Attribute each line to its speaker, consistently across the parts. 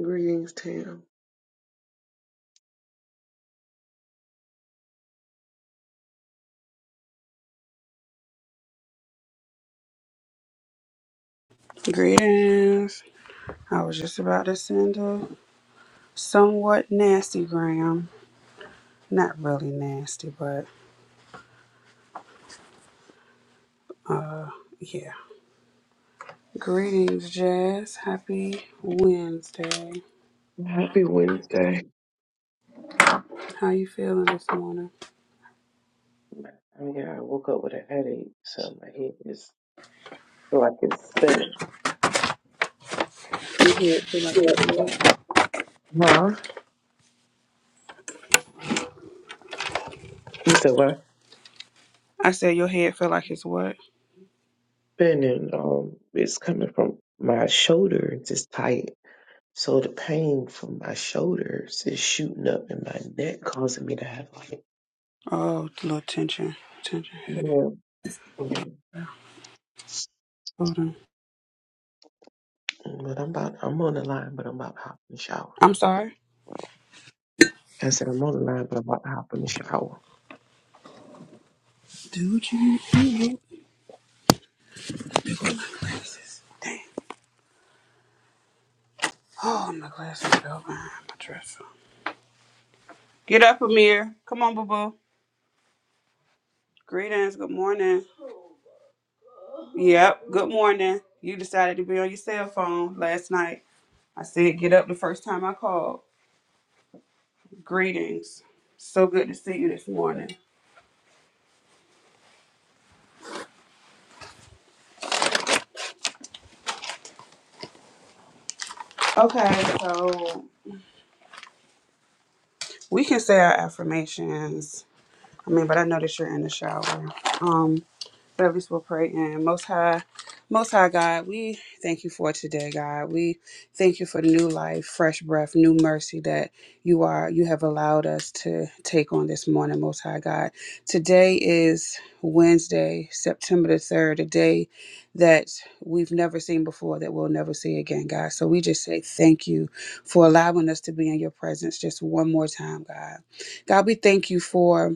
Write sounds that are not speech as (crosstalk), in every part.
Speaker 1: Greetings, Tam.
Speaker 2: Greetings. I was just about to send a somewhat nasty gram. Not really nasty, but uh yeah. Greetings, Jazz. Happy Wednesday.
Speaker 1: Happy Wednesday.
Speaker 2: How you feeling this morning?
Speaker 1: I mean, I woke up with a headache, so my head is feel like it's spinning.
Speaker 2: Your head feel like it's what?
Speaker 1: Huh? You said what?
Speaker 2: I said your head feel like it's what?
Speaker 1: Spinning. Um, it's coming from my shoulder. It's just tight, so the pain from my shoulders is shooting up in my neck, causing me to have like.
Speaker 2: Oh, a little tension. Tension.
Speaker 1: Yeah. yeah.
Speaker 2: Hold on.
Speaker 1: But I'm about. I'm on the line, but I'm about to hop in the shower real
Speaker 2: I'm
Speaker 1: quick.
Speaker 2: sorry.
Speaker 1: I said I'm on the line, but I'm about to hop in the shower.
Speaker 2: Dude, you you look like glasses. Damn. Oh, my glasses fell behind my dresser. Get up, Amir. Come on, boo boo. Greetings. Good morning. Yep. Good morning. You decided to be on your cell phone last night. I said get up the first time I called. Greetings. So good to see you this morning. Okay, so we can say our affirmations. I mean, but I noticed you're in the shower. Um. Service will pray and most high, most high God, we thank you for today, God. We thank you for the new life, fresh breath, new mercy that you are, you have allowed us to take on this morning, most high God. Today is Wednesday, September the 3rd, a day that we've never seen before, that we'll never see again, God. So we just say thank you for allowing us to be in your presence just one more time, God. God, we thank you for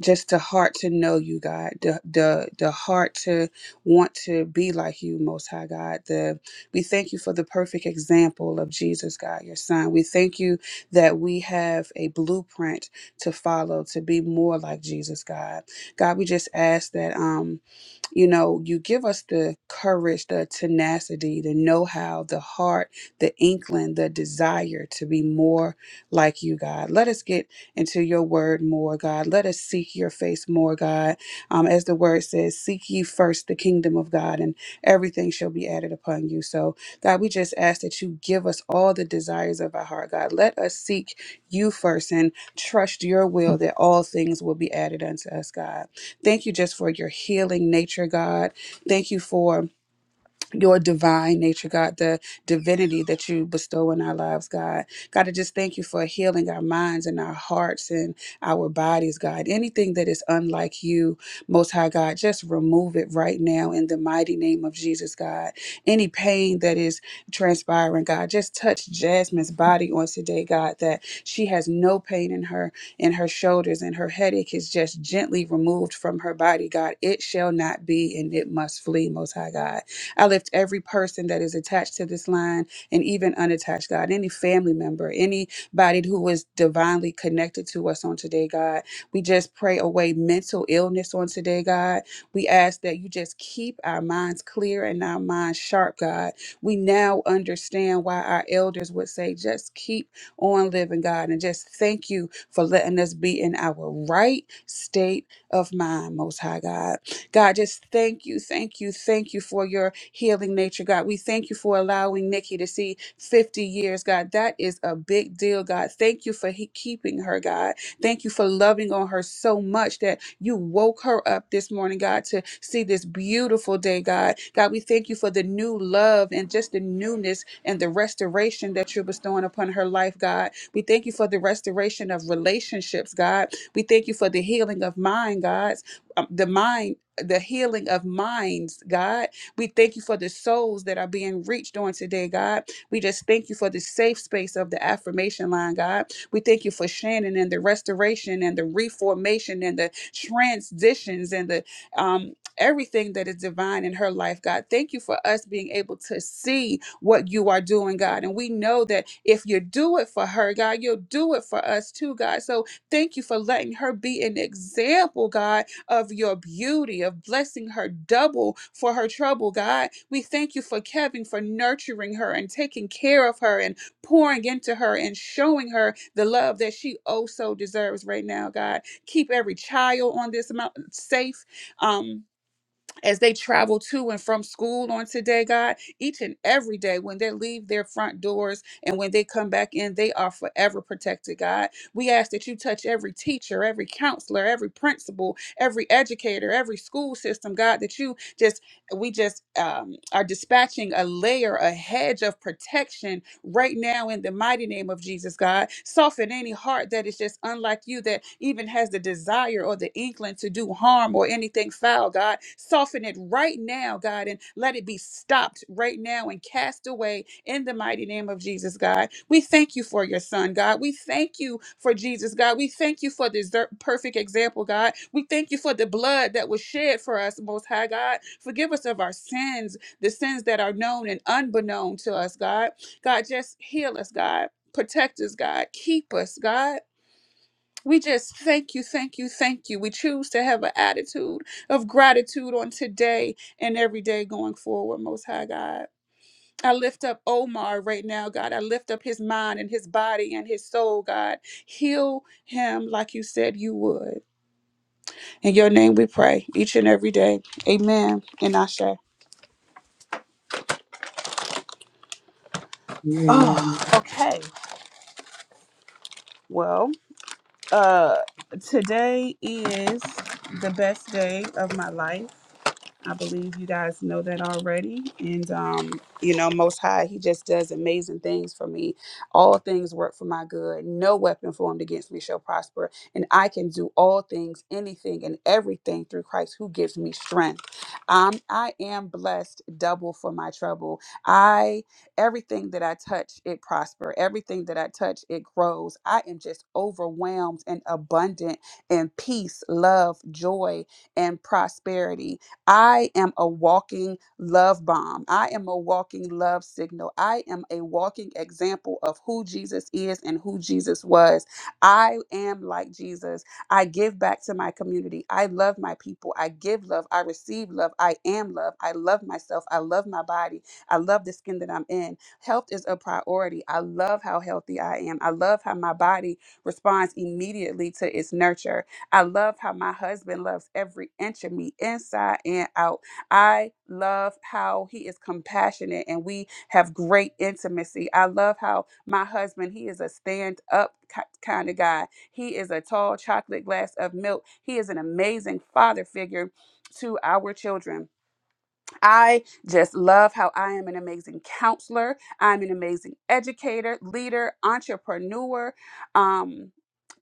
Speaker 2: just the heart to know you, God, the the the heart to want to be like you, Most High God. The we thank you for the perfect example of Jesus, God, your Son. We thank you that we have a blueprint to follow to be more like Jesus, God. God, we just ask that um you know, you give us the courage, the tenacity, the know how, the heart, the inkling, the desire to be more like you, God. Let us get into your word more, God. Let us seek your face more, God. Um, as the word says, seek ye first the kingdom of God, and everything shall be added upon you. So, God, we just ask that you give us all the desires of our heart, God. Let us seek you first and trust your will that all things will be added unto us, God. Thank you just for your healing nature, God. Thank you for your divine nature, God, the divinity that you bestow in our lives, God. God, I just thank you for healing our minds and our hearts and our bodies, God. Anything that is unlike you, Most High God, just remove it right now in the mighty name of Jesus, God. Any pain that is transpiring, God, just touch Jasmine's body on today, God, that she has no pain in her in her shoulders and her headache is just gently removed from her body, God. It shall not be and it must flee, Most High God. I lift every person that is attached to this line and even unattached, God, any family member, anybody who is divinely connected to us on today, God. We just pray away mental illness on today, God. We ask that you just keep our minds clear and our minds sharp, God. We now understand why our elders would say, just keep on living, God, and just thank you for letting us be in our right state of mine, Most High God. God, just thank you, thank you, thank you for your healing nature, God. We thank you for allowing Nikki to see 50 years, God. That is a big deal, God. Thank you for he- keeping her, God. Thank you for loving on her so much that you woke her up this morning, God, to see this beautiful day, God. God, we thank you for the new love and just the newness and the restoration that you're bestowing upon her life, God. We thank you for the restoration of relationships, God. We thank you for the healing of mind, God's um, the mind. The healing of minds, God. We thank you for the souls that are being reached on today, God. We just thank you for the safe space of the affirmation line, God. We thank you for Shannon and the restoration and the reformation and the transitions and the um everything that is divine in her life, God. Thank you for us being able to see what you are doing, God. And we know that if you do it for her, God, you'll do it for us too, God. So thank you for letting her be an example, God, of your beauty, of blessing her double for her trouble, God. We thank you for Kevin, for nurturing her and taking care of her and pouring into her and showing her the love that she also deserves right now, God. Keep every child on this mountain safe. Um, as they travel to and from school on today, God, each and every day when they leave their front doors and when they come back in, they are forever protected, God. We ask that you touch every teacher, every counselor, every principal, every educator, every school system, God, that you just we just um, are dispatching a layer, a hedge of protection right now in the mighty name of Jesus, God. Soften any heart that is just unlike you, that even has the desire or the inkling to do harm or anything foul, God. Soften it right now, God sudden. Let it be stopped right now and cast away in the mighty name of Jesus, God. We thank you for your son, God. We thank you for Jesus, God. We thank you for this der- perfect example, God. We thank you for the blood that was shed for us, Most High God. Forgive us of our sins, the sins that are known and unbeknown to us, God. God, just heal us, God. Protect us, God. Keep us, God. We just thank you, thank you, thank you. We choose to have an attitude of gratitude on today and every day going forward, Most High God. I lift up Omar right now, God. I lift up his mind and his body and his soul, God. Heal him like you said you would. In your name we pray each and every day. Amen. And Ashe.
Speaker 1: Amen.
Speaker 2: Oh, okay. Well, uh today is the best day of my life. I believe you guys know that already. And, um, you know, Most High, He just does amazing things for me. All things work for my good. No weapon formed against me shall prosper. And I can do all things, anything, and everything through Christ who gives me strength. Um, I am blessed double for my trouble. I, everything that I touch, it prosper. Everything that I touch, it grows. I am just overwhelmed and abundant in peace, love, joy, and prosperity. I am a walking love bomb. I am a walking love signal. I am a walking example of who Jesus is and who Jesus was. I am like Jesus. I give back to my community. I love my people. I give love. I receive love. I am love. I love myself. I love my body. I love the skin that I'm in. Health is a priority. I love how healthy I am. I love how my body responds immediately to its nurture. I love how my husband loves every inch of me, inside and out. I love how he is compassionate and we have great intimacy. I love how my husband, he is a stand up kind of guy. He is a tall chocolate glass of milk. He is an amazing father figure to our children. I just love how I am an amazing counselor. I'm an amazing educator, leader, entrepreneur, um,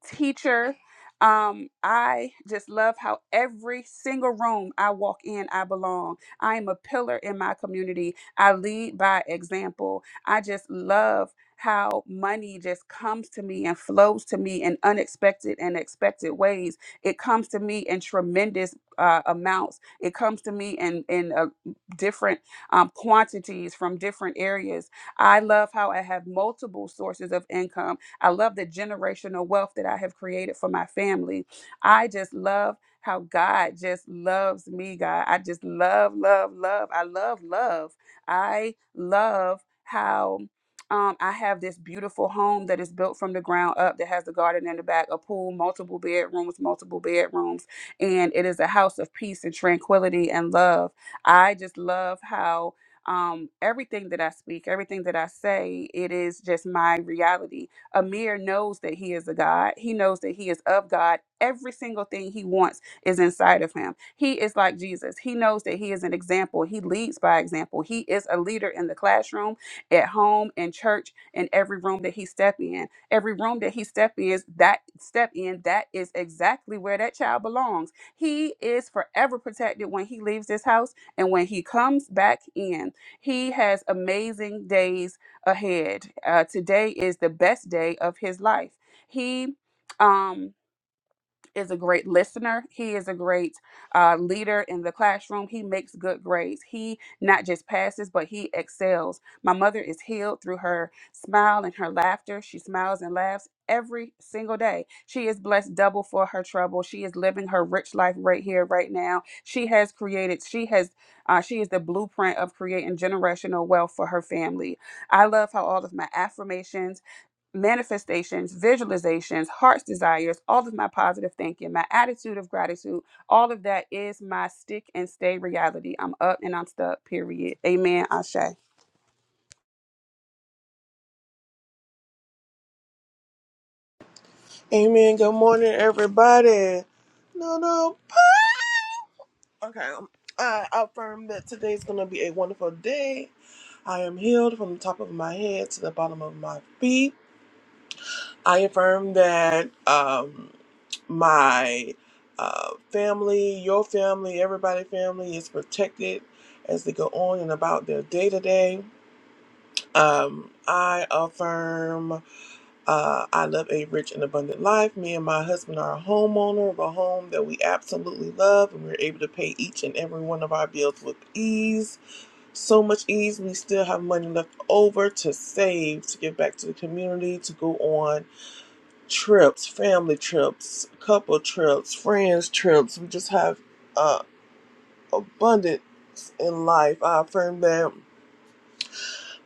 Speaker 2: teacher. Um, I just love how every single room I walk in, I belong. I am a pillar in my community. I lead by example. I just love how money just comes to me and flows to me in unexpected and expected ways. It comes to me in tremendous uh, amounts. It comes to me in in a different um, quantities from different areas. I love how I have multiple sources of income. I love the generational wealth that I have created for my family. I just love how God just loves me, God. I just love, love, love. I love, love. I love how. Um, I have this beautiful home that is built from the ground up that has a garden in the back, a pool, multiple bedrooms, multiple bedrooms, and it is a house of peace and tranquility and love I just love how um, everything that I speak, everything that I say, it is just my reality. Amir knows that he is a God. He knows that he is of God. Every single thing he wants is inside of him. He is like Jesus. He knows that he is an example. He leads by example. He is a leader in the classroom, at home, in church, in every room that he step in. Every room that he step is that step in, that is exactly where that child belongs. He is forever protected when he leaves this house and when he comes back in, he has amazing days ahead. Uh, today is the best day of his life. He, um, is a great listener. He is a great uh, leader in the classroom. He makes good grades. He not just passes, but he excels. My mother is healed through her smile and her laughter. She smiles and laughs every single day. She is blessed double for her trouble. She is living her rich life right here, right now. She has created, she has, uh, she is the blueprint of creating generational wealth for her family. I love how all of my affirmations, manifestations, visualizations, heart's desires, all of my positive thinking, my attitude of gratitude, all of that is my stick and stay reality. I'm up and I'm stuck, period. Amen, Ashe.
Speaker 3: Amen. Good morning, everybody. No, no. Okay. um, I affirm that today's going to be a wonderful day. I am healed from the top of my head to the bottom of my feet. I affirm that um, my uh, family, your family, everybody's family is protected as they go on and about their day to day. Um, I affirm Uh, I live a rich and abundant life. Me and my husband are a homeowner of a home that we absolutely love, and we're able to pay each and every one of our bills with ease. So much ease, we still have money left over to save, to give back to the community, to go on trips, family trips, couple trips, friends trips. We just have uh, abundance in life. I affirm that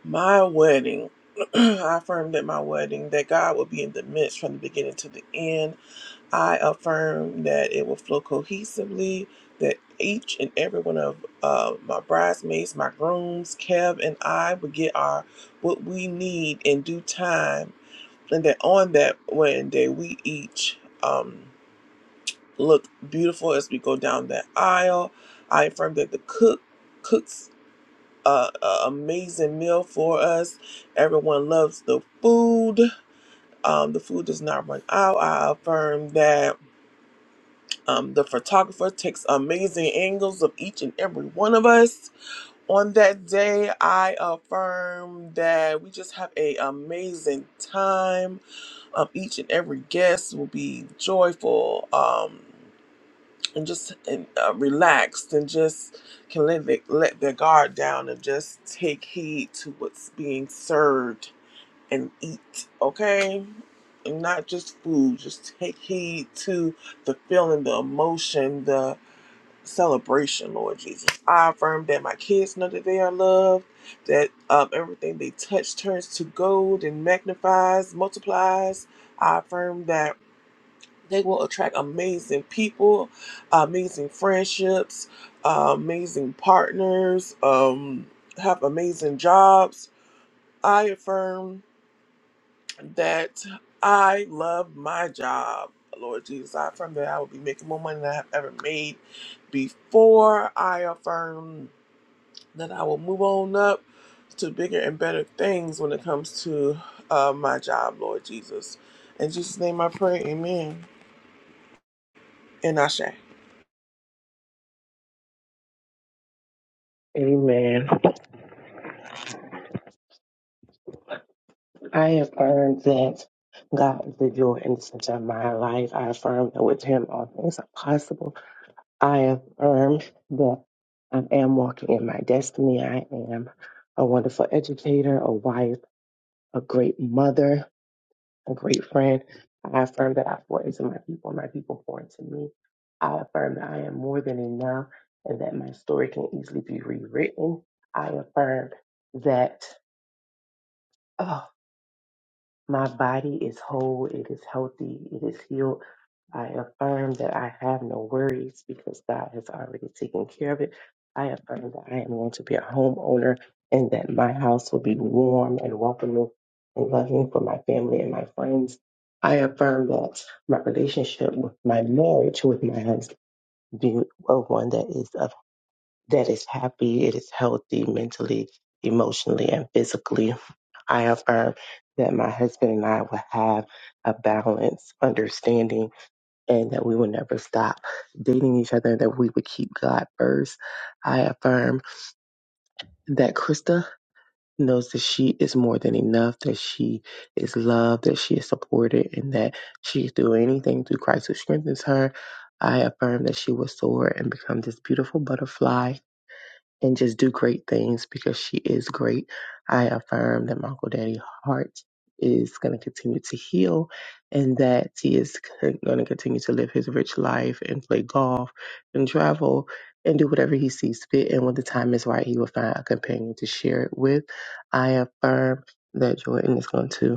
Speaker 3: my wedding (clears throat) I affirm that my wedding, that God will be in the midst from the beginning to the end I affirm that it will flow cohesively, that each and every one of uh, my bridesmaids, my grooms, Kev, and I will get our what we need in due time, and that on that wedding day, we each um, look beautiful as we go down that aisle. I affirm that the cook cooks uh, an amazing meal for us. Everyone loves the food. Um, the food does not run out. I affirm that Um, the photographer takes amazing angles of each and every one of us. On that day, I affirm that we just have a amazing time. Um, each and every guest will be joyful um, and just and, uh, relaxed and just can let, the, let their guard down and just take heed to what's being served and eat, okay? And not just food, just take heed to the feeling, the emotion, the celebration, Lord Jesus. I affirm that my kids know that they are loved, that um, everything they touch turns to gold and magnifies, multiplies. I affirm that they will attract amazing people, amazing friendships, uh, amazing partners, um, have amazing jobs. I affirm that I love my job. Lord Jesus, I affirm that I will be making more money than I have ever made before. I affirm that I will move on up to bigger and better things when it comes to uh, my job, Lord Jesus. In Jesus' name I pray, amen. And Ashe.
Speaker 1: Amen. I affirm that God is the joy and center of my life. I affirm that with Him all things are possible. I affirm that I am walking in my destiny. I am a wonderful educator, a wife, a great mother, a great friend. I affirm that I pour into my people, my people pour into me. I affirm that I am more than enough and that my story can easily be rewritten. I affirm that. oh, My body is whole, it is healthy, it is healed. I affirm that I have no worries because God has already taken care of it. I affirm that I am going to be a homeowner and that my house will be warm and welcoming and loving for my family and my friends. I affirm that my relationship with my marriage with my husband be a one that is of that is happy, it is healthy mentally, emotionally, and physically. I affirm that my husband and I will have a balanced understanding and that we will never stop dating each other that we would keep God first. I affirm that Krista knows that she is more than enough, that she is loved, that she is supported, and that she is doing anything through Christ who strengthens her. I affirm that she will soar and become this beautiful butterfly and just do great things because she is great. I affirm that my Uncle Daddy heart is going to continue to heal and that he is going to continue to live his rich life and play golf and travel and do whatever he sees fit. And when the time is right, he will find a companion to share it with. I affirm that Jordan is going to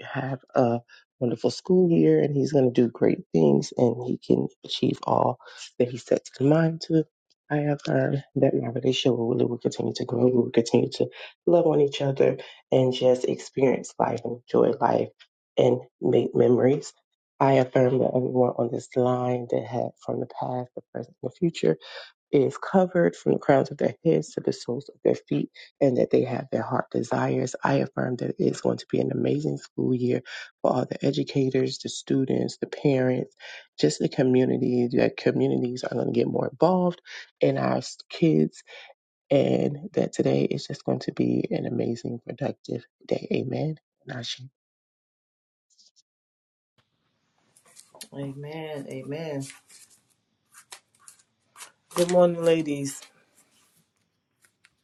Speaker 1: have a wonderful school year and he's going to do great things and he can achieve all that he sets his mind to. I affirm that my relationship with Willie will continue to grow. We will continue to love on each other and just experience life and enjoy life and make memories. I affirm that everyone on this line that had from the past, the present, and the future is covered from the crowns of their heads to the soles of their feet, and that they have their heart desires. I affirm that it's going to be an amazing school year for all the educators, the students, the parents, just the community. That communities are going to get more involved in our s- kids, and that today is just going to be an amazing, productive day. Amen. Nashi.
Speaker 4: Amen. Amen. Good morning, ladies.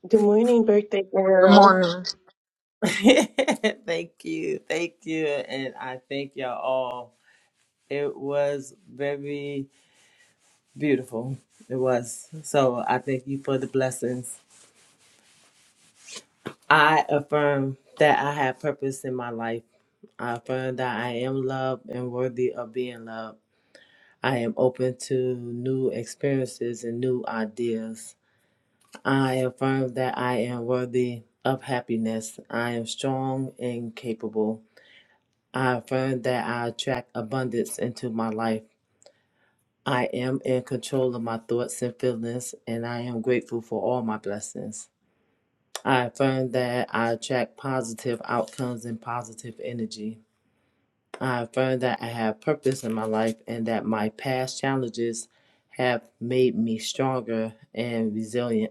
Speaker 1: Good morning, birthday
Speaker 5: Good
Speaker 1: girl.
Speaker 5: morning.
Speaker 4: (laughs) thank you. Thank you. And I thank y'all all. It was very beautiful. It was. So I thank you for the blessings. I affirm that I have purpose in my life. I affirm that I am loved and worthy of being loved. I am open to new experiences and new ideas. I affirm that I am worthy of happiness. I am strong and capable. I affirm that I attract abundance into my life. I am in control of my thoughts and feelings, and I am grateful for all my blessings. I affirm that I attract positive outcomes and positive energy. I affirm that I have purpose in my life and that my past challenges have made me stronger and resilient.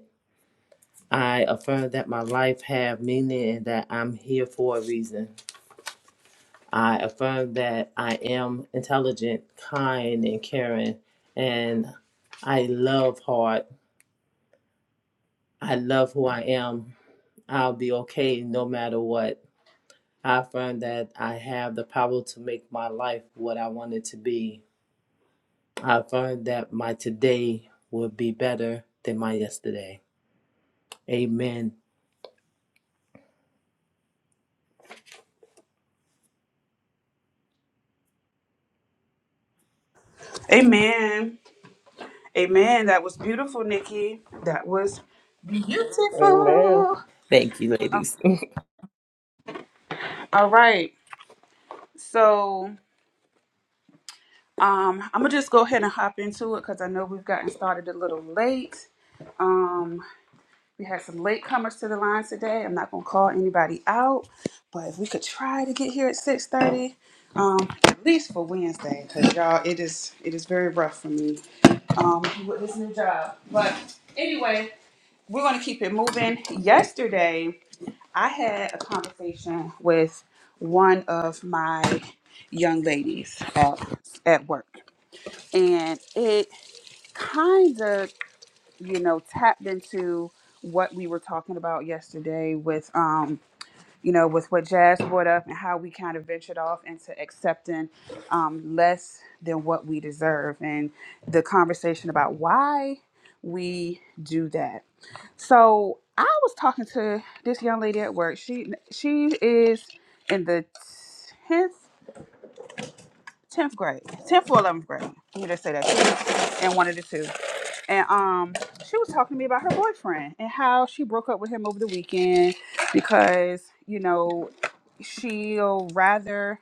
Speaker 4: I affirm that my life have meaning and that I'm here for a reason. I affirm that I am intelligent, kind, and caring, and I love hard. I love who I am. I'll be okay no matter what. I affirm that I have the power to make my life what I want it to be. I affirm that my today will be better than my yesterday. Amen.
Speaker 2: Amen. Amen. That was beautiful, Nikki. That was
Speaker 1: Amen.
Speaker 4: Thank you, ladies.
Speaker 2: all right. So um I'm gonna just go ahead and hop into it because I know we've gotten started a little late. Um. We had some latecomers to the line today. I'm not gonna call anybody out, but if we could try to get here at 6:30, um, at least for Wednesday, because y'all, it is it is very rough for me um, with this new job. But anyway, we're gonna keep it moving. Yesterday, I had a conversation with one of my young ladies at at work, and it kind of you know, tapped into what we were talking about yesterday with, um, you know, with what Jazz brought up and how we kind of ventured off into accepting um, less than what we deserve and the conversation about why we do that. So I was talking to this young lady at work. She she is in the tenth tenth grade, tenth or eleventh grade. Let me just say that she's in one of the two and um she was talking to me about her boyfriend and how she broke up with him over the weekend because you know she'll rather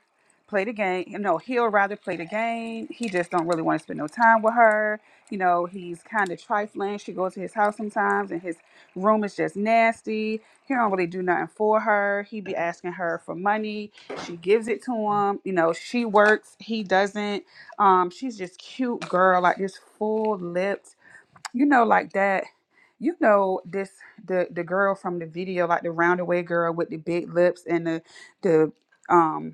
Speaker 2: play the game no he'll rather play the game he just don't really want to spend no time with her you know he's kind of trifling she goes to his house sometimes and his room is just nasty he don't really do nothing for her he be asking her for money she gives it to him you know she works he doesn't um she's just cute girl like this full lips you know, like that. You know this the the girl from the video, like the roundaway girl with the big lips and the the um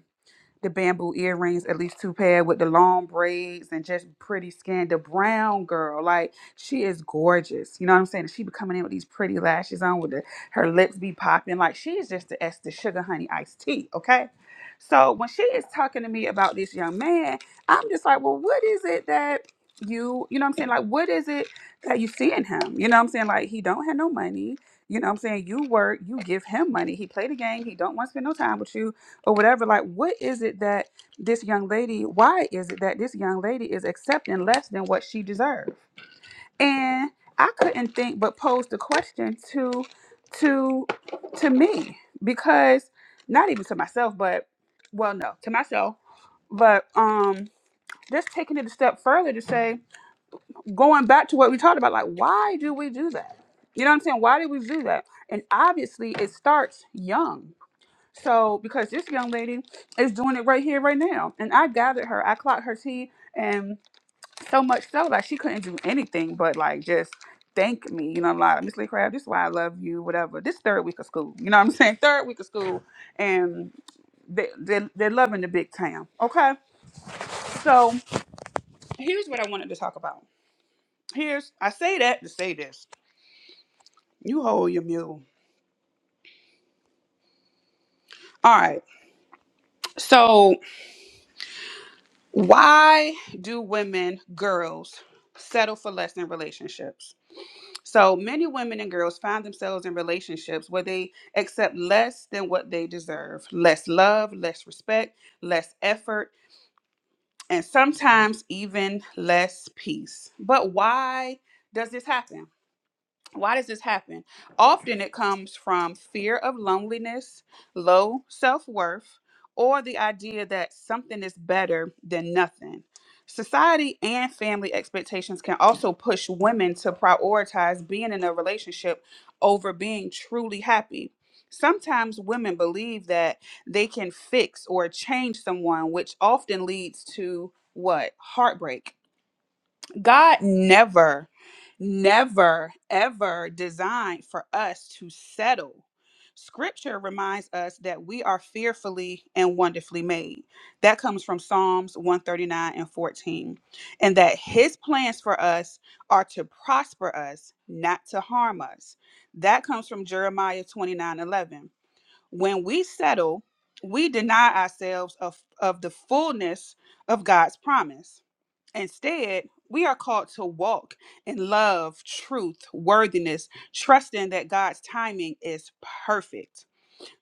Speaker 2: the bamboo earrings, at least two pair with the long braids and just pretty skin. The brown girl, like she is gorgeous. You know what I'm saying? She be coming in with these pretty lashes on, with the, her lips be popping. Like she is just the S, the sugar honey iced tea. Okay. So when she is talking to me about this young man, I'm just like, well, what is it that you, you know what I'm saying? Like, what is it that you see in him? You know what I'm saying? Like he don't have no money. You know what I'm saying? You work, you give him money. He play the game. He don't want to spend no time with you or whatever like what is it that this young lady why is it that this young lady is accepting less than what she deserves and i couldn't think but pose the question to to to me because not even to myself but well no to myself but um just taking it a step further to say going back to what we talked about like why do we do that you know what i'm saying why do we do that and obviously it starts young so because this young lady is doing it right here, right now, and I gathered her, I clocked her tea, and so much so like she couldn't do anything but like just thank me. You know, I'm like Miss Lee Crab, this is why I love you, whatever. This third week of school, you know what I'm saying? (laughs) Third week of school, and they they they're loving the big town. Okay, so here's what I wanted to talk about. Here's I say that to say this. You hold your mule. All right, so Why do women, girls, settle for less in relationships? So many women and girls find themselves in relationships where they accept less than what they deserve less love, less respect, less effort, and sometimes even less peace. But why does this happen? Why does this happen? Often it comes from fear of loneliness, low self worth, or the idea that something is better than nothing. Society and family expectations can also push women to prioritize being in a relationship over being truly happy. Sometimes women believe that they can fix or change someone, which often leads to what? Heartbreak. God never, never, ever designed for us to settle. Scripture reminds us that we are fearfully and wonderfully made. That comes from Psalms 139 and 14. And that his plans for us are to prosper us, not to harm us. That comes from Jeremiah 29 11. When we settle, we deny ourselves of, of the fullness of God's promise Instead, we are called to walk in love, truth, worthiness, trusting that God's timing is perfect.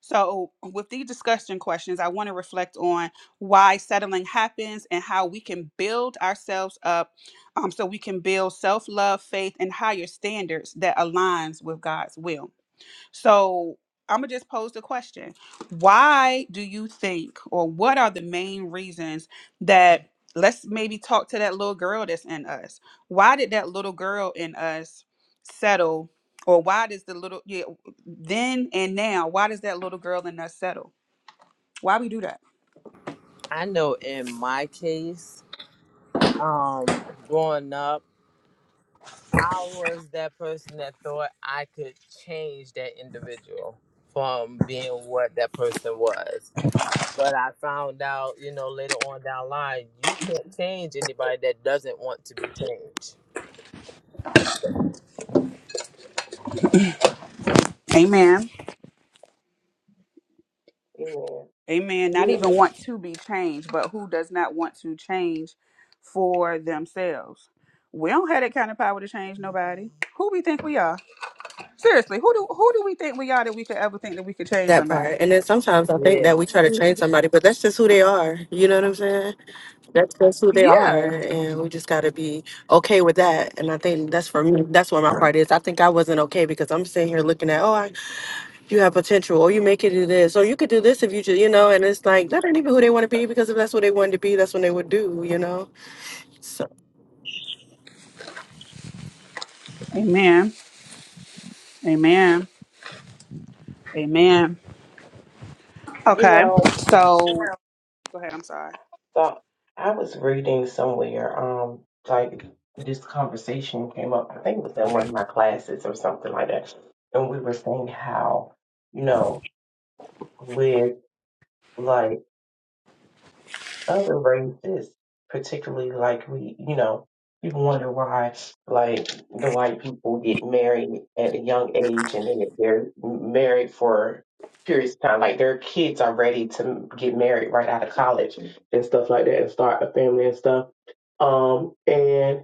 Speaker 2: So, with these discussion questions, I want to reflect on why settling happens and how we can build ourselves up um, so we can build self love, faith, and higher standards that aligns with God's will. So I'm gonna just pose the question: Why do you think, or what are the main reasons that? Let's maybe talk to that little girl that's in us. Why did that little girl in us settle, or why does the little yeah then and now? Why does that little girl in us settle? Why we do that?
Speaker 4: I know in my case, um growing up i was that person that thought i could change that individual from being what that person was but i found out you know later on down the line you can't change anybody that doesn't want to be changed
Speaker 2: Amen.
Speaker 1: Amen. You
Speaker 2: Amen. Not
Speaker 1: know,
Speaker 2: even want to be changed, but who does not want to change for themselves? We don't have that kind of power to change nobody. Who we think we are? Seriously, who do who do we think we are that we could ever think that we could change
Speaker 6: That part.
Speaker 2: somebody?
Speaker 6: And then sometimes I think
Speaker 4: yeah
Speaker 6: that we try to train somebody, but that's just who they are. You know what I'm saying? That's just who they are.
Speaker 2: Yeah.
Speaker 6: And we just got to be okay with that. And I think that's for me. That's where my part is. I think I wasn't okay because I'm sitting here looking at, oh, I, you have potential, or you make it do this, or you could do this if you just, you know, and it's like, that ain't even who they want to be because if that's what they wanted to be, that's what they would do, you know? So
Speaker 2: Amen. Amen. Amen.
Speaker 1: you
Speaker 2: Okay.
Speaker 1: know.
Speaker 2: So go ahead. I'm sorry.
Speaker 1: So I was reading somewhere, um, like this conversation came up, I think it was in one of my classes or something like that. And we were saying how, you know, with like other races, particularly like we, you know, people wonder why like the white people get married at a young age and then they're married for periods of time. Like their kids are ready to get married right out of college and stuff like that and start a family and stuff. Um, and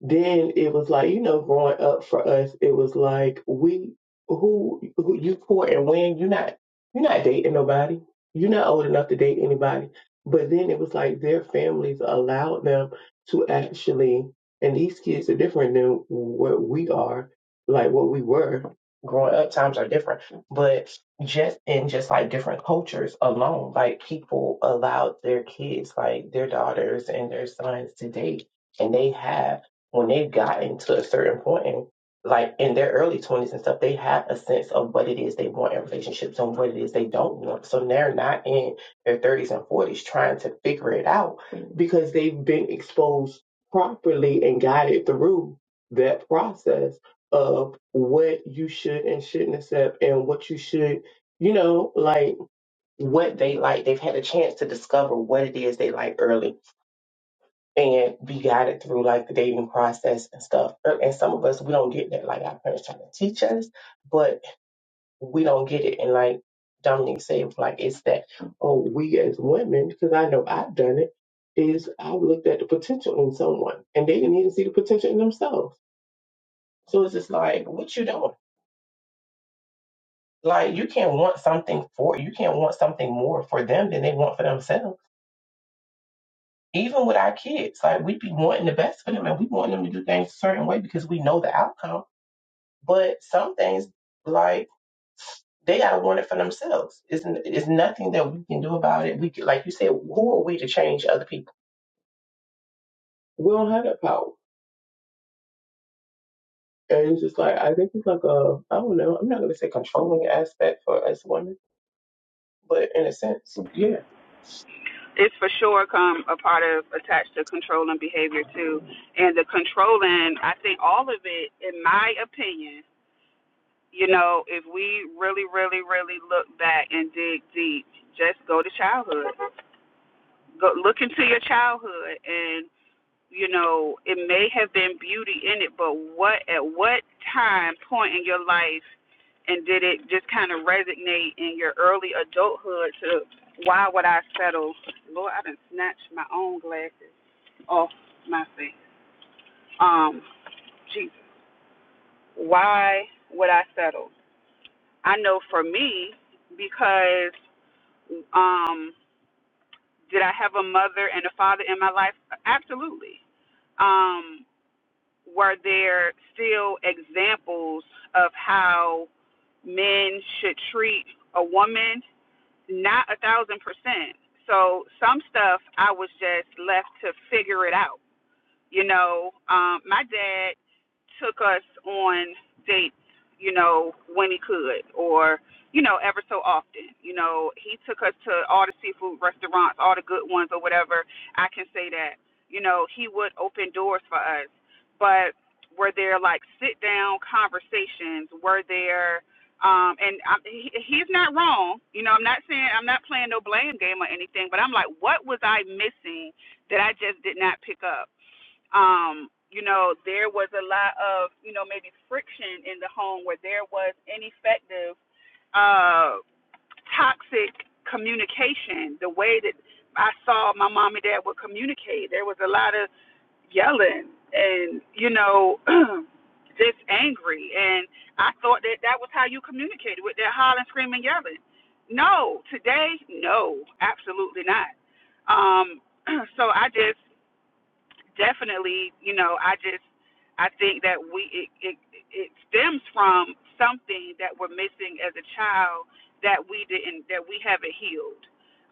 Speaker 1: then it was like you know growing up for us it was like we who, who you court and when you're not you're not dating nobody you're not old enough to date anybody but then it was like their families allowed them to actually and these kids are different than what we are like what we were growing up times are different but just in just like different cultures alone like people allowed their kids like their daughters and their sons to date and they have when they've gotten to a certain point, like in their early 20s and stuff, they have a sense of what it is they want in relationships and what it is they don't want. So they're not in their 30s and 40s trying to figure it out because they've been exposed properly and guided through that process of what you should and shouldn't accept and what you should, you know, like what they like. They've had a chance to discover what it is they like early and be guided through like the dating process and stuff. Er, And some of us, we don't get that. Like our parents trying to teach us, but we don't get it. And like Dominic said, like it's that, oh, we as women, because I know I've done it, is I looked at the potential in someone and they didn't even see the potential in themselves. So it's just like, what you doing? Like you can't want something for, you can't want something more for them than they want for themselves. Even with our kids, like we be wanting the best for them and we want them to do things a certain way because we know the outcome But some things, like they gotta want it for themselves. It's it's nothing that we can do about it. We can, like you said, who are we to change other people? We don't have that power. And it's just like I think it's like a I don't know. I'm not gonna say controlling aspect for us women, but in a sense, yeah.
Speaker 2: it's for sure come a part of attached to controlling behavior too. And the controlling, I think all of it, in my opinion, you know, if we really, really, really look back and dig deep, just go to childhood. Go look into your childhood and. you know, it may have been beauty in it, but what at what time point in your life and did it just kind of resonate in your early adulthood to why would I settle? Lord, I done snatched my own glasses off my face. Um, Jesus, why would I settle? I know for me because um, did I have a mother and a father in my life? Absolutely. Um, were there still examples of how men should treat a woman? Not a thousand percent. So some stuff I was just left to figure it out. You know, um, my dad took us on dates, you know, when he could, or you know, ever so often. You know, he took us to all the seafood restaurants, all the good ones, or whatever. I can say that. You know, he would open doors for us, but were there like sit down conversations? Were there? Um, and I'm, he, he's not wrong. You know, I'm not saying I'm not playing no blame game or anything, but I'm like, what was I missing that I just did not pick up? um, you know, there was a lot of, you know, maybe friction in the home where there was ineffective, uh, toxic communication. The way that I saw my mom and dad would communicate, there was a lot of yelling and, you know, (clears throat) just angry. And I thought that that was how you communicated with that hollering, screaming, yelling. No, today, no, absolutely not. Um, (clears throat) so I just, definitely, you know, I just I think that we it, it it stems from something that we're missing as a child that we didn't that we haven't healed.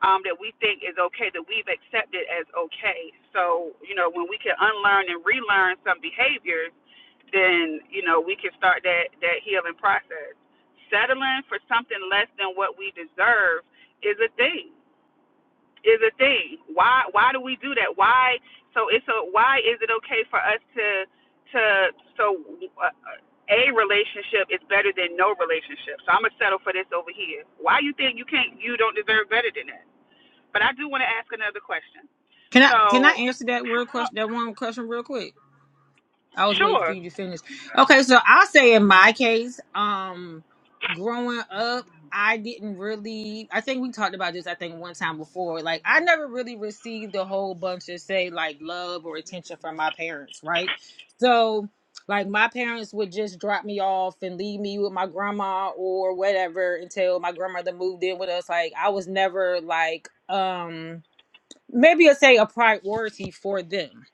Speaker 2: Um, that we think is okay, that we've accepted as okay. So, you know, when we can unlearn and relearn some behaviors, then, you know, we can start that, that healing process. Settling for something less than what we deserve is a thing is a thing. Why why do we do that? Why so it's a why is it okay for us to to so uh, a relationship is better than no relationship. So I'm gonna settle for this over here. Why you think you can't you don't deserve better than that? But I do want to ask another question.
Speaker 5: Can I can I
Speaker 2: So
Speaker 5: answer that real
Speaker 2: how
Speaker 5: question? That one question real quick. I was waiting for
Speaker 2: sure
Speaker 5: you to finish. Okay, so I'll say in my case, um, growing up, I didn't really. I think we talked about this. I think one time before. Like I never really received a whole bunch of say like love or attention from my parents, right? So like my parents would just drop me off and leave me with my grandma or whatever until my grandmother moved in with us like i was never like um maybe I'll say a priority for them.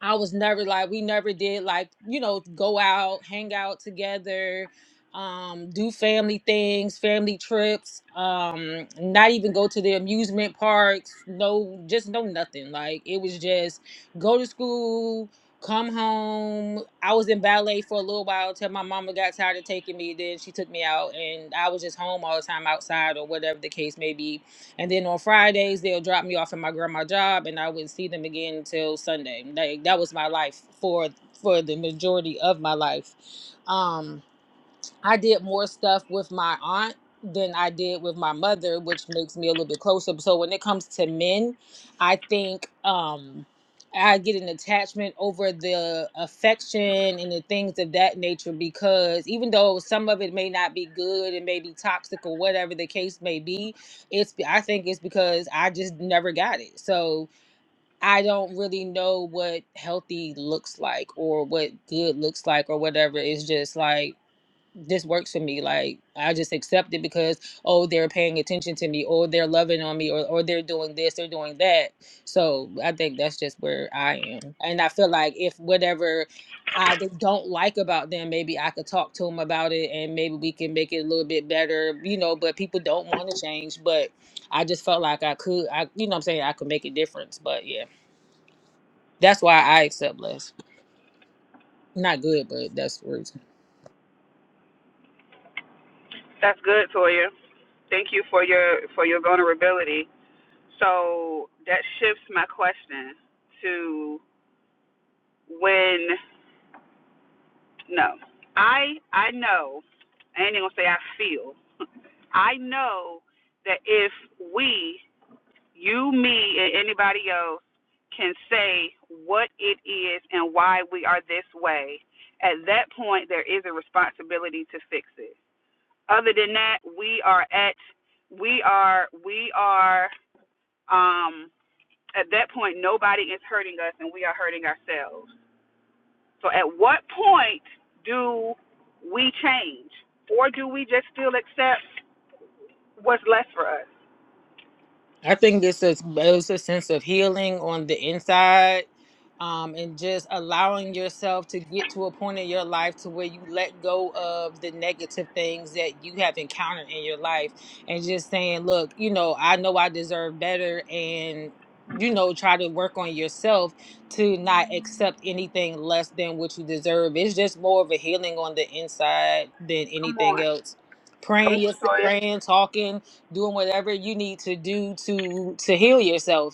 Speaker 5: I was never like we never did like, you know, go out, hang out together, um, do family things, family trips, um, not even go to the amusement parks, no just no nothing. Like it was just go to school, come home. I was in ballet for a little while till my mama got tired of taking me, then she took me out and I was just home all the time outside or whatever the case may be and then on Fridays, they'll drop me off at my grandma's job, and I wouldn't see them again until Sunday. Like that was my life for for the majority of my life. Um, I did more stuff with my aunt than I did with my mother, which makes me a little bit closer. So when it comes to men, I think um I get an attachment over the affection and the things of that nature because even though some of it may not be good and may be toxic or whatever the case may be, it's I think it's because I just never got it. So I don't really know what healthy looks like or what good looks like or whatever. It's just like this works for me. Like I just accept it because oh they're paying attention to me, or they're loving on me, or or they're doing this, they're doing that. So I think that's just where I am, and I feel like if whatever I d- don't like about them, maybe I could talk to them about it, and maybe we can make it a little bit better, you know. But people don't want to change, but I just felt like I could, I you know, what I'm saying I could make a difference. But yeah, that's why I accept less. Not good, but that's where it's
Speaker 2: that's good Toya. Thank you for your for your vulnerability. So that shifts my question to when No. I I know, I ain't even gonna say I feel. I know that if we, you, me, and anybody else can say what it is and why we are this way, at that point there is a responsibility to fix it. Other than that, we are at we are we are um at that point nobody is hurting us and we are hurting ourselves so at what point do we change? Or do we just still accept what's left for us?
Speaker 5: I think it's a, it's a sense of healing on the inside um, and just allowing yourself to get to a point in your life to where you let go of the negative things that you have encountered in your life and just saying, look, you know, I know I deserve better and you know try to work on yourself to not accept anything less than what you deserve it's just more of a healing on the inside than
Speaker 2: Come
Speaker 5: anything
Speaker 2: on.
Speaker 5: else
Speaker 2: Come
Speaker 5: praying
Speaker 2: on,
Speaker 5: yes,
Speaker 2: Toya.
Speaker 5: praying talking doing whatever you need to do to to heal yourself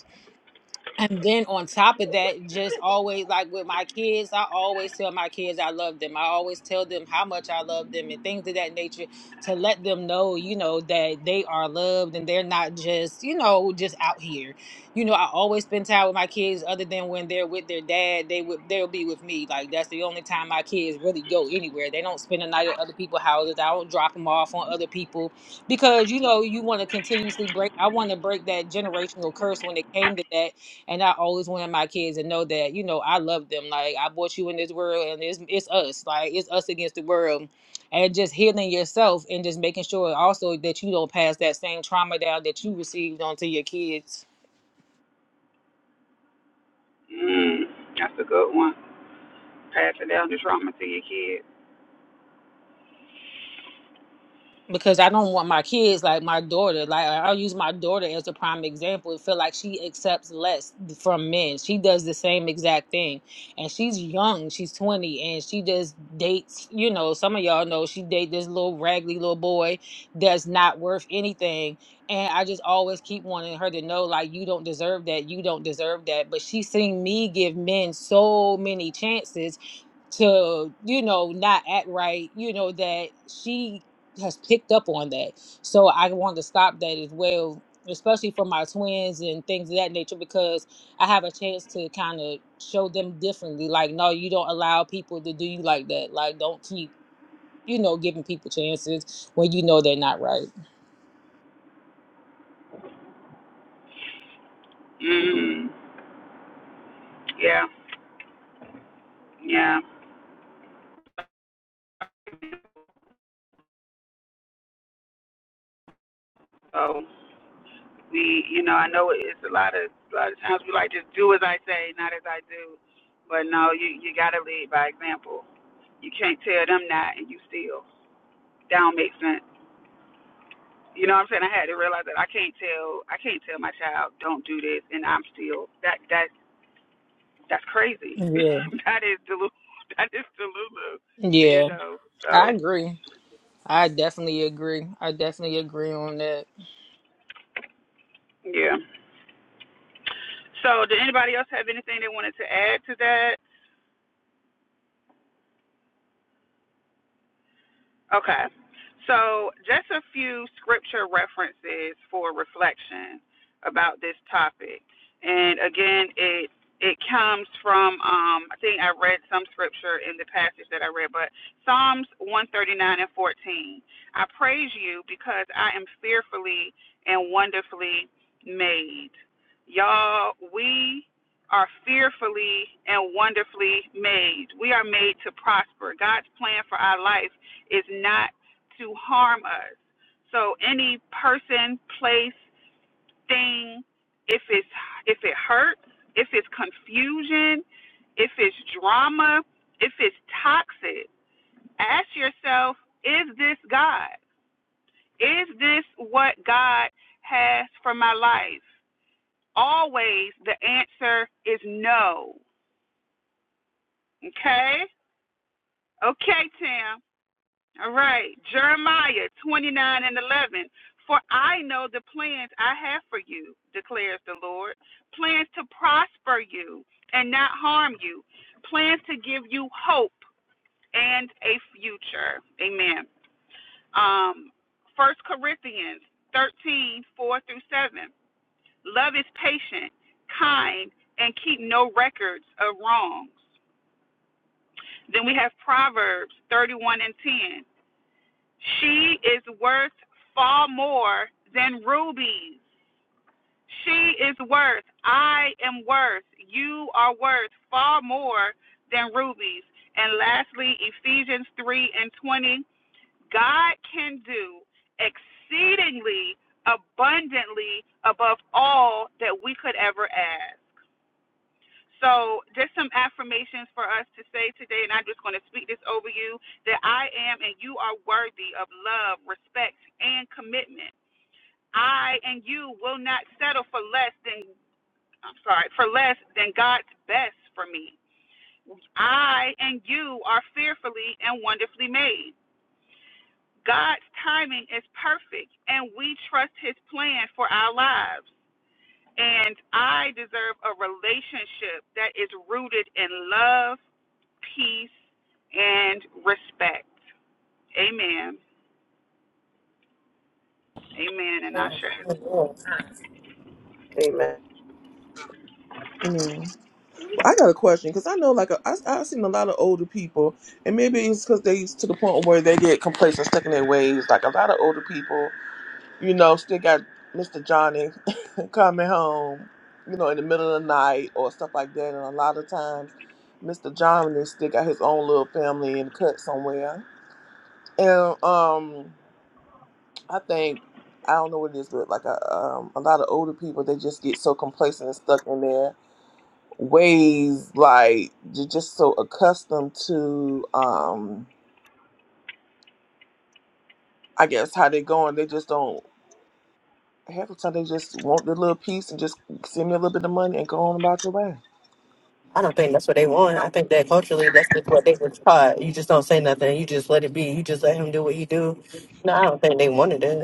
Speaker 5: and then on top of that, just always like with my kids, I always tell my kids I love them. I always tell them how much I love them and things of that nature to let them know, you know, that they are loved and they're not just, you know, just out here. You know, I always spend time with my kids other than when they're with their dad, they would they'll be with me. Like that's the only time my kids really go anywhere. They don't spend the night at other people's houses. I don't drop them off on other people because you know, you want to continuously break I want to break that generational curse when it came to that and I always wanted my kids to know that, you know, I love them. Like I brought you in this world and it's it's us. Like it's us against the world. And just healing yourself and just making sure also that you don't pass that same trauma down that you received onto your kids.
Speaker 2: Mm, that's a good one. Passing down the trauma to your kids.
Speaker 5: because I don't want my kids like my daughter. Like I- I'll use my daughter as a prime example. It feel like she accepts less from men. She does the same exact thing, and she's young. She's twenty, and she just dates. You know, some of y'all know she date this little raggedy little boy that's not worth anything. And I just always keep wanting her to know, like, you don't deserve that. You don't deserve that. But she's seen me give men so many chances to you know not act right you know that she has picked up on that so i want to stop that as well especially for my twins and things of that nature because i have a chance to kind of show them differently like no you don't allow people to do you like that like don't keep you know, giving people chances when you know they're not right.
Speaker 2: Mm, yeah, yeah. So we, you know, I know it's a lot of a lot of times we like just do as I say, not as I do. But no, you you gotta lead by example. You can't tell them that, and you still. That don't make sense. You know what I'm saying? I had to realize that I can't tell I can't tell my child don't do this, and I'm still that that that's crazy.
Speaker 5: Yeah.
Speaker 2: (laughs) that is delu (laughs) that is delulu. You
Speaker 5: Yeah.
Speaker 2: know. So
Speaker 5: I agree. I definitely agree. I definitely agree on that.
Speaker 2: yeah. So did anybody else have anything they wanted to add to that? Okay. So, just a few scripture references for reflection about this topic. And again, it it comes from um, I think I read some scripture in the passage that I read, but Psalms 139 and 14. I praise you because I am fearfully and wonderfully made. Y'all, we are fearfully and wonderfully made. We are made to prosper. God's plan for our life is not to harm us. So any person, place, thing, if it's if it hurts, if it's confusion, if it's drama, if it's toxic, ask yourself, is this God? Is this what God has for my life? Always the answer is no. Okay? Okay, Tim. All right. Jeremiah 29 and 11. For I know the plans I have for you, declares the Lord plans to prosper you and not harm you, plans to give you hope and a future. Amen. Um, 1 Corinthians 13:4 through 7. Love is patient, kind, and keep no records of wrongs. Then we have Proverbs 31 and 10. She is worth far more than rubies. She is worth, I am worth, you are worth far more than rubies. And lastly, Ephesians 3 and 20 God can do exceedingly abundantly above all that we could ever ask. So, just some affirmations for us to say today, and I'm just going to speak this over you that I am and you are worthy of love, respect, and commitment. I and you will not settle for less than, I'm sorry, for less than God's best for me. I and you are fearfully and wonderfully made. God's timing is perfect, and we trust His plan for our lives. And I deserve a relationship that is rooted in love peace, and respect. Amen. Amen. And I share.
Speaker 1: Amen.
Speaker 3: Mm. I got a question because I know, like, I, I've seen a lot of older people, and maybe it's because they to the point where they get complacent, stuck in their ways. Like, a lot of older people, you know, still got Mr. Johnny. coming home, you know, in the middle of the night or stuff like that. And a lot of times, Mr. John is still got his own little family and cut somewhere. And um, I think I don't know what it is, but like a, um, a lot of older people, they just get so complacent and stuck in their ways, like they're just so accustomed to, um, I guess how they're going. They just don't. Half the time, they just want their little piece and just send me a little bit of money and go on about your way.
Speaker 6: I don't think that's what they want. I think that culturally, that's just what they were taught. You just don't say nothing. You just let it be. You just let him do what he do. No, I don't think they wanted it.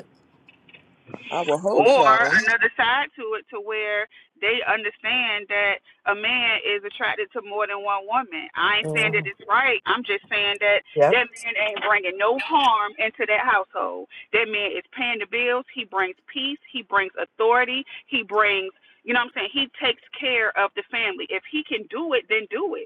Speaker 3: I would hope
Speaker 2: Or
Speaker 3: so.
Speaker 2: another side to it to where they understand that a man is attracted to more than one woman. I ain't saying that
Speaker 6: Mhm.
Speaker 2: it's right. I'm just saying that
Speaker 6: Yep.
Speaker 2: that man ain't bringing no harm into that household. That man is paying the bills. He brings peace. He brings authority. He brings, you know what I'm saying? He takes care of the family. If he can do it, then do it.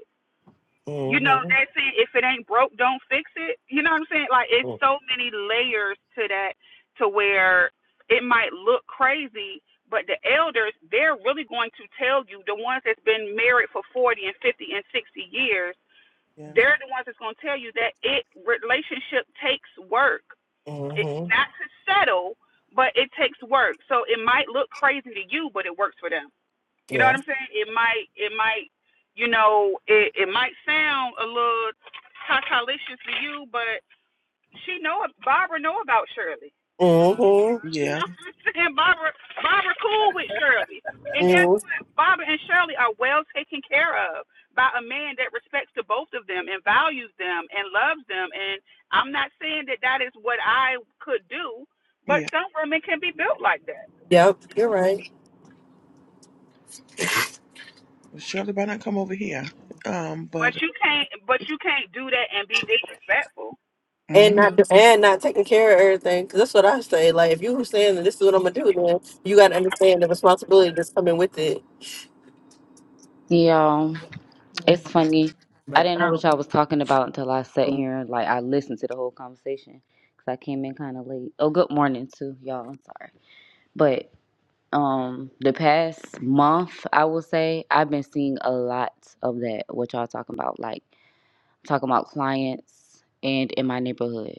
Speaker 2: you know
Speaker 6: Mm-hmm.
Speaker 2: they saying, if it ain't broke don't fix it you know what i'm saying like it's so many layers to that to where it might look crazy but the elders they're really going to tell you the ones that's been married for 40 and 50 and 60 years
Speaker 3: Yeah.
Speaker 2: they're the ones that's going to tell you that it relationship takes work it's
Speaker 6: Mm-hmm.
Speaker 2: not to settle but it takes work so it might look crazy to you but it works for them you know what
Speaker 6: Yeah.
Speaker 2: I'm saying? It might, it might, you know, it, it might sound a little cockalicious to you, but she know Barbara know about Shirley. (laughs)
Speaker 6: Mm-hmm.
Speaker 3: Yeah.
Speaker 2: You know what I'm saying? Barbara, Barbara cool with Shirley. And guess
Speaker 6: mm
Speaker 2: what? Barbara and Shirley are well taken care of by a man that respects to both of them and values them and loves them. And I'm not saying that that is what I could do, but
Speaker 3: Yeah,
Speaker 2: some women can be built like that.
Speaker 6: Yep. You're right.
Speaker 3: Shirley, why not come over here? Um,
Speaker 2: But
Speaker 3: but
Speaker 2: you can't, but you can't do that and be disrespectful.
Speaker 6: And not
Speaker 3: hmm
Speaker 6: and not taking care of everything. 'cause that's what I say. Like if you were saying that this is what I'm gonna do, then you gotta understand the responsibility that's coming with it.
Speaker 7: Yeah, it's funny. I didn't know what y'all was talking about until I sat here and like I listened to the whole conversation because I came in kind of late. Oh, good morning to y'all. I'm sorry, but um, the past month I will say I've been seeing a lot of that. What y'all talking about? Like talking about clients and in my neighborhood,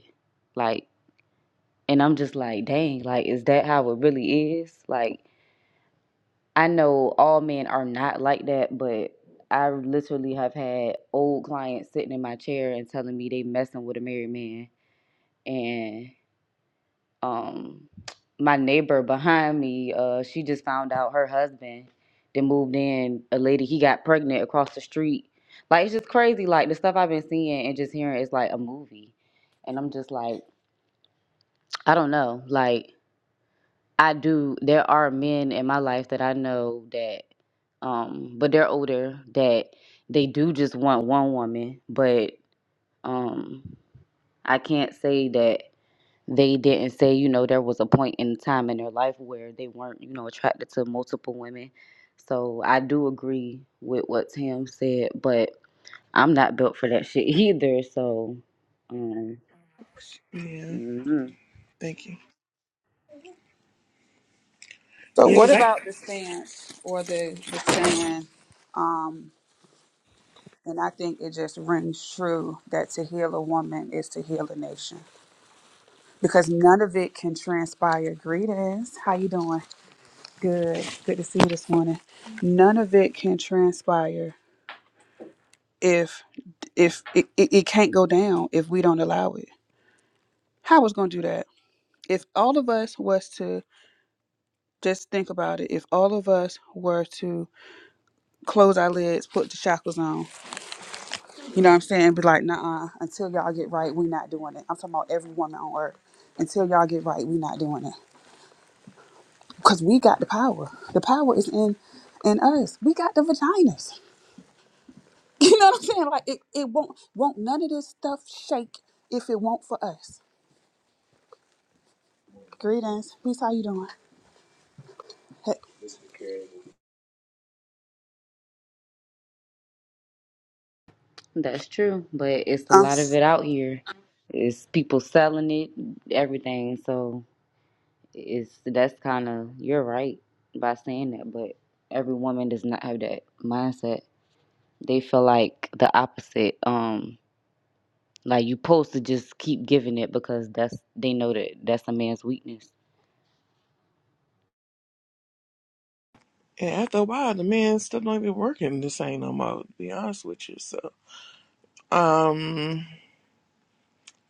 Speaker 7: like, and I'm just like, dang, like, is that how it really is? Like. I know all men are not like that, but I literally have had old clients sitting in my chair and telling me they messing with a married man. And um, my neighbor behind me, uh, she just found out her husband then moved in a lady he got pregnant across the street. Like it's just crazy. Like the stuff I've been seeing and just hearing is like a movie, and I'm just like I don't know. Like I do. There are men in my life that I know that, um, but they're older that they do just want one woman. But um, I can't say that they didn't say you know there was a point in time in their life where they weren't you know attracted to multiple women. So I do agree with what Tam said, but I'm not built for that shit (laughs) either. So, um,
Speaker 3: yeah,
Speaker 7: mm-hmm.
Speaker 3: thank you. Yeah, 'cause I
Speaker 2: about the stance or the brand, and I think it just rings true that to heal a woman is to heal a nation because none of it can transpire. Greetings, how you doing? Good, good to see you this morning. None of it can transpire if if it, it, it can't go down if we don't allow it. How was gonna do that? If all of us was to just think about it, if all of us were to close our lids, put the shackles on, You know what I'm saying? Be like, nah, until y'all get right, we not doing it. I'm talking about every woman on earth. Until y'all get right, we not doing it. Because we got the power. The power is in in us. We got the vaginas. (laughs) You know what I'm saying? Like it, it won't won't none of this stuff shake if it won't for us. Greetings. Peace, how you doing? Hey,
Speaker 7: That's true, but it's a
Speaker 2: um,
Speaker 7: lot of it out here. It's people selling it, everything. So it's that's kind of you're right by saying that, but every woman does not have that mindset. They feel like the opposite. Um, like you' supposed to just keep giving it because that's they know that that's a man's weakness.
Speaker 3: and after a while, the man still don't even working the same no more. To be honest with you, so um,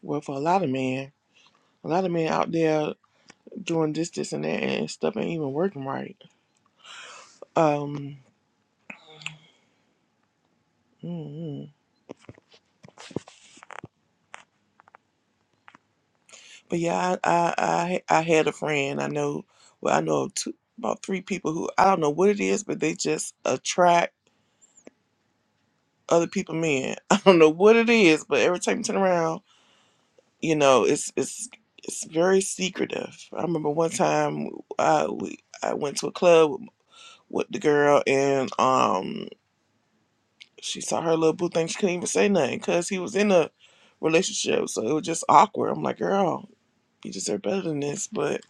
Speaker 3: well, for a lot of men, a lot of men out there doing this, this, and that, and stuff ain't even working right. Um, mm but yeah, I, I, I, I had a friend I know. Well, I know of two, about three people who I don't know what it is, but they just attract. other people men. (laughs) I don't know what it is, but every time you turn around, you know, it's it's it's very secretive. I remember one time I we I went to a club with, with the girl and um she saw her little boo thing. She couldn't even say nothing because he was in a relationship, so it was just awkward. I'm like, girl, you deserve better than this. But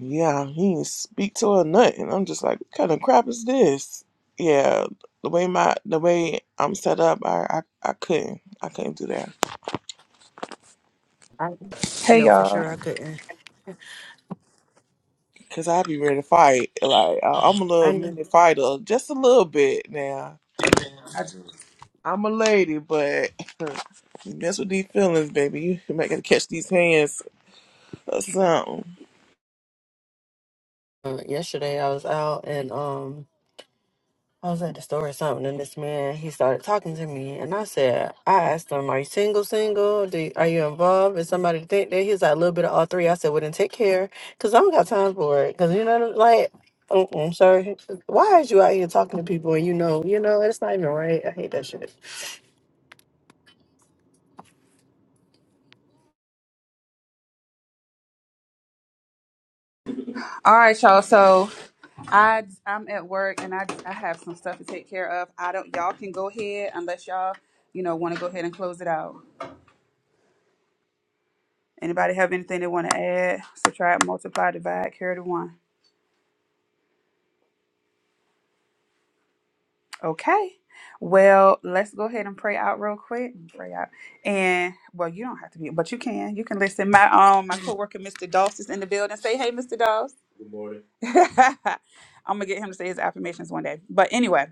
Speaker 3: yeah, he didn't speak to her nothing. I'm just like, what kind of crap is this? Yeah, the way my the way I'm set up, I I, I couldn't I couldn't do that.
Speaker 2: Hey y'all.
Speaker 6: Sure, I couldn't.
Speaker 3: Cause I be ready to fight. Like I- I'm a
Speaker 6: I
Speaker 3: little
Speaker 6: knew.
Speaker 3: mini fighter, just a little bit now. I'm a lady, but (laughs) you mess with these feelings, baby. You might gotta catch these hands or something.
Speaker 6: Uh, yesterday I was out and um I was at the store or something, and this man he started talking to me, and I said, I asked him, "Are you single? Single? Do you, are you involved? Is somebody to think that?" He's like, "A little bit of all three." I said, "Well, then take care, cause I don't got time for it. Cause you know, like, mm-mm, sorry. Why is you out here talking to people and you know, you know, it's not even right. I hate that shit.
Speaker 2: all right, y'all. So I I'm at work and I I have some stuff to take care of. I don't y'all can go ahead unless y'all, you know, want to go ahead and close it out. Anybody have anything they want to add, subtract, multiply, divide, carry the one? Okay. Well, let's go ahead and pray out real quick. Pray out. And well, you don't have to be, but you can. You can listen. My um my coworker, Mr. Doss, is in the building. Say hey, Mr. Doss. (laughs) I'm gonna get him to say his affirmations one day. But anyway.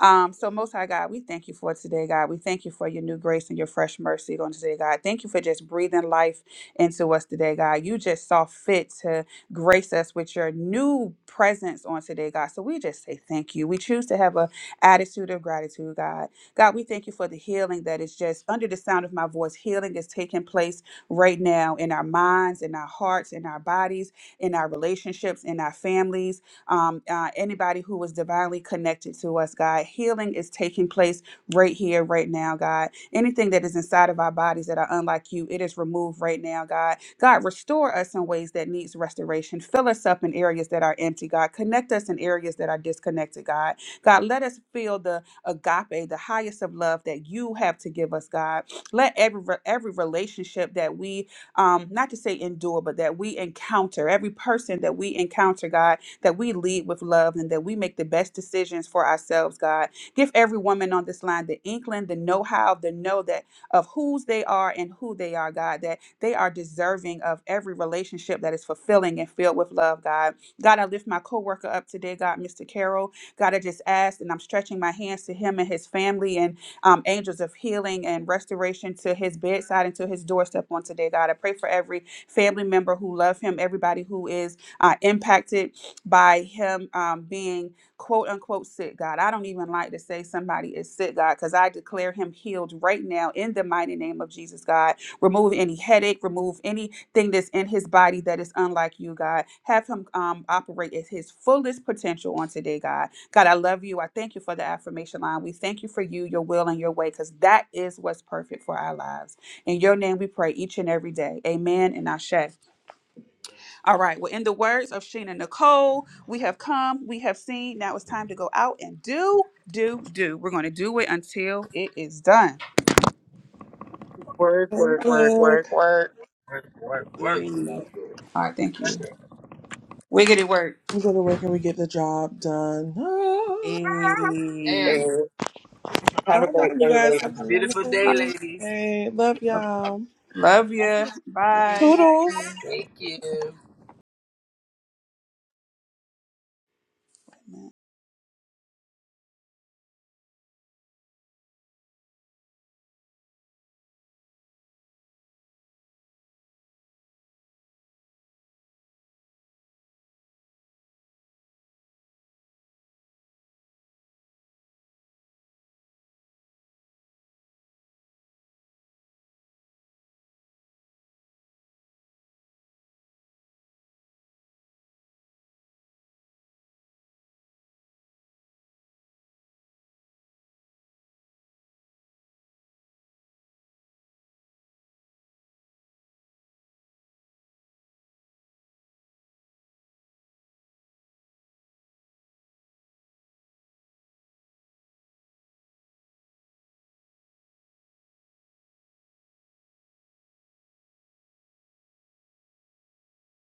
Speaker 2: Um, so, Most High God, we thank you for today, God. We thank you for your new grace and your fresh mercy on today, God. Thank you for just breathing life into us today, God. You just saw fit to grace us with your new presence on today, God. So, we just say thank you. We choose to have a attitude of gratitude, God. God, we thank you for the healing that is just under the sound of my voice. Healing is taking place right now in our minds, in our hearts, in our bodies, in our relationships, in our families um, uh, anybody who was divinely connected to us, God. Healing is taking place right here, right now, God. Anything that is inside of our bodies that are unlike you, it is removed right now, God. God, restore us in ways that needs restoration. Fill us up in areas that are empty, God. Connect us in areas that are disconnected, God. God, let us feel the agape, the highest of love that you have to give us, God. Let every every relationship that we um, not to say endure, but that we encounter, every person that we encounter, God that we lead with love and that we make the best decisions for ourselves, God. Give every woman on this line the inkling, the know how, the know that of whose they are and who they are, God, that they are deserving of every relationship that is fulfilling and filled with love, God. God, I lift my coworker up today, God, Mr. Carroll. God, I just asked and I'm stretching my hands to him and his family and um, angels of healing and restoration to his bedside and to his doorstep on today, God. I pray for every family member who love him, everybody who is uh, impacted by him um, being quote unquote sick, God. I don't even like to say somebody is sick, God, because I declare him healed right now in the mighty name of Jesus, God. Remove any headache, remove anything that's in his body that is unlike you, God. Have him um, operate at his fullest potential on today, God. God, I love you. I thank you for the affirmation line. We thank you for you, your will, and your way, because that is what's perfect for our lives. In your name we pray each and every day. Amen and Ashe. All right. Well, in the words of Sheena Nicole, we have come, we have seen. Now it's time to go out and do, do, do. We're going to do it until it is done.
Speaker 1: Word, word,
Speaker 3: Thank
Speaker 1: word,
Speaker 3: Lord.
Speaker 1: word, word.
Speaker 4: work work work work
Speaker 2: Amen. All right. Thank you.
Speaker 4: it.
Speaker 2: Wiggity work.
Speaker 3: We go to work and we get the job done. Ah.
Speaker 2: Hey,
Speaker 4: and
Speaker 1: And have
Speaker 3: All
Speaker 1: a
Speaker 3: right,
Speaker 1: great
Speaker 3: you
Speaker 1: day,
Speaker 3: guys
Speaker 1: ladies.
Speaker 3: have a
Speaker 4: beautiful
Speaker 3: wonderful
Speaker 4: day ladies
Speaker 3: Wednesday. Love y'all.
Speaker 2: love you. Bye.
Speaker 3: Toodles.
Speaker 4: thank you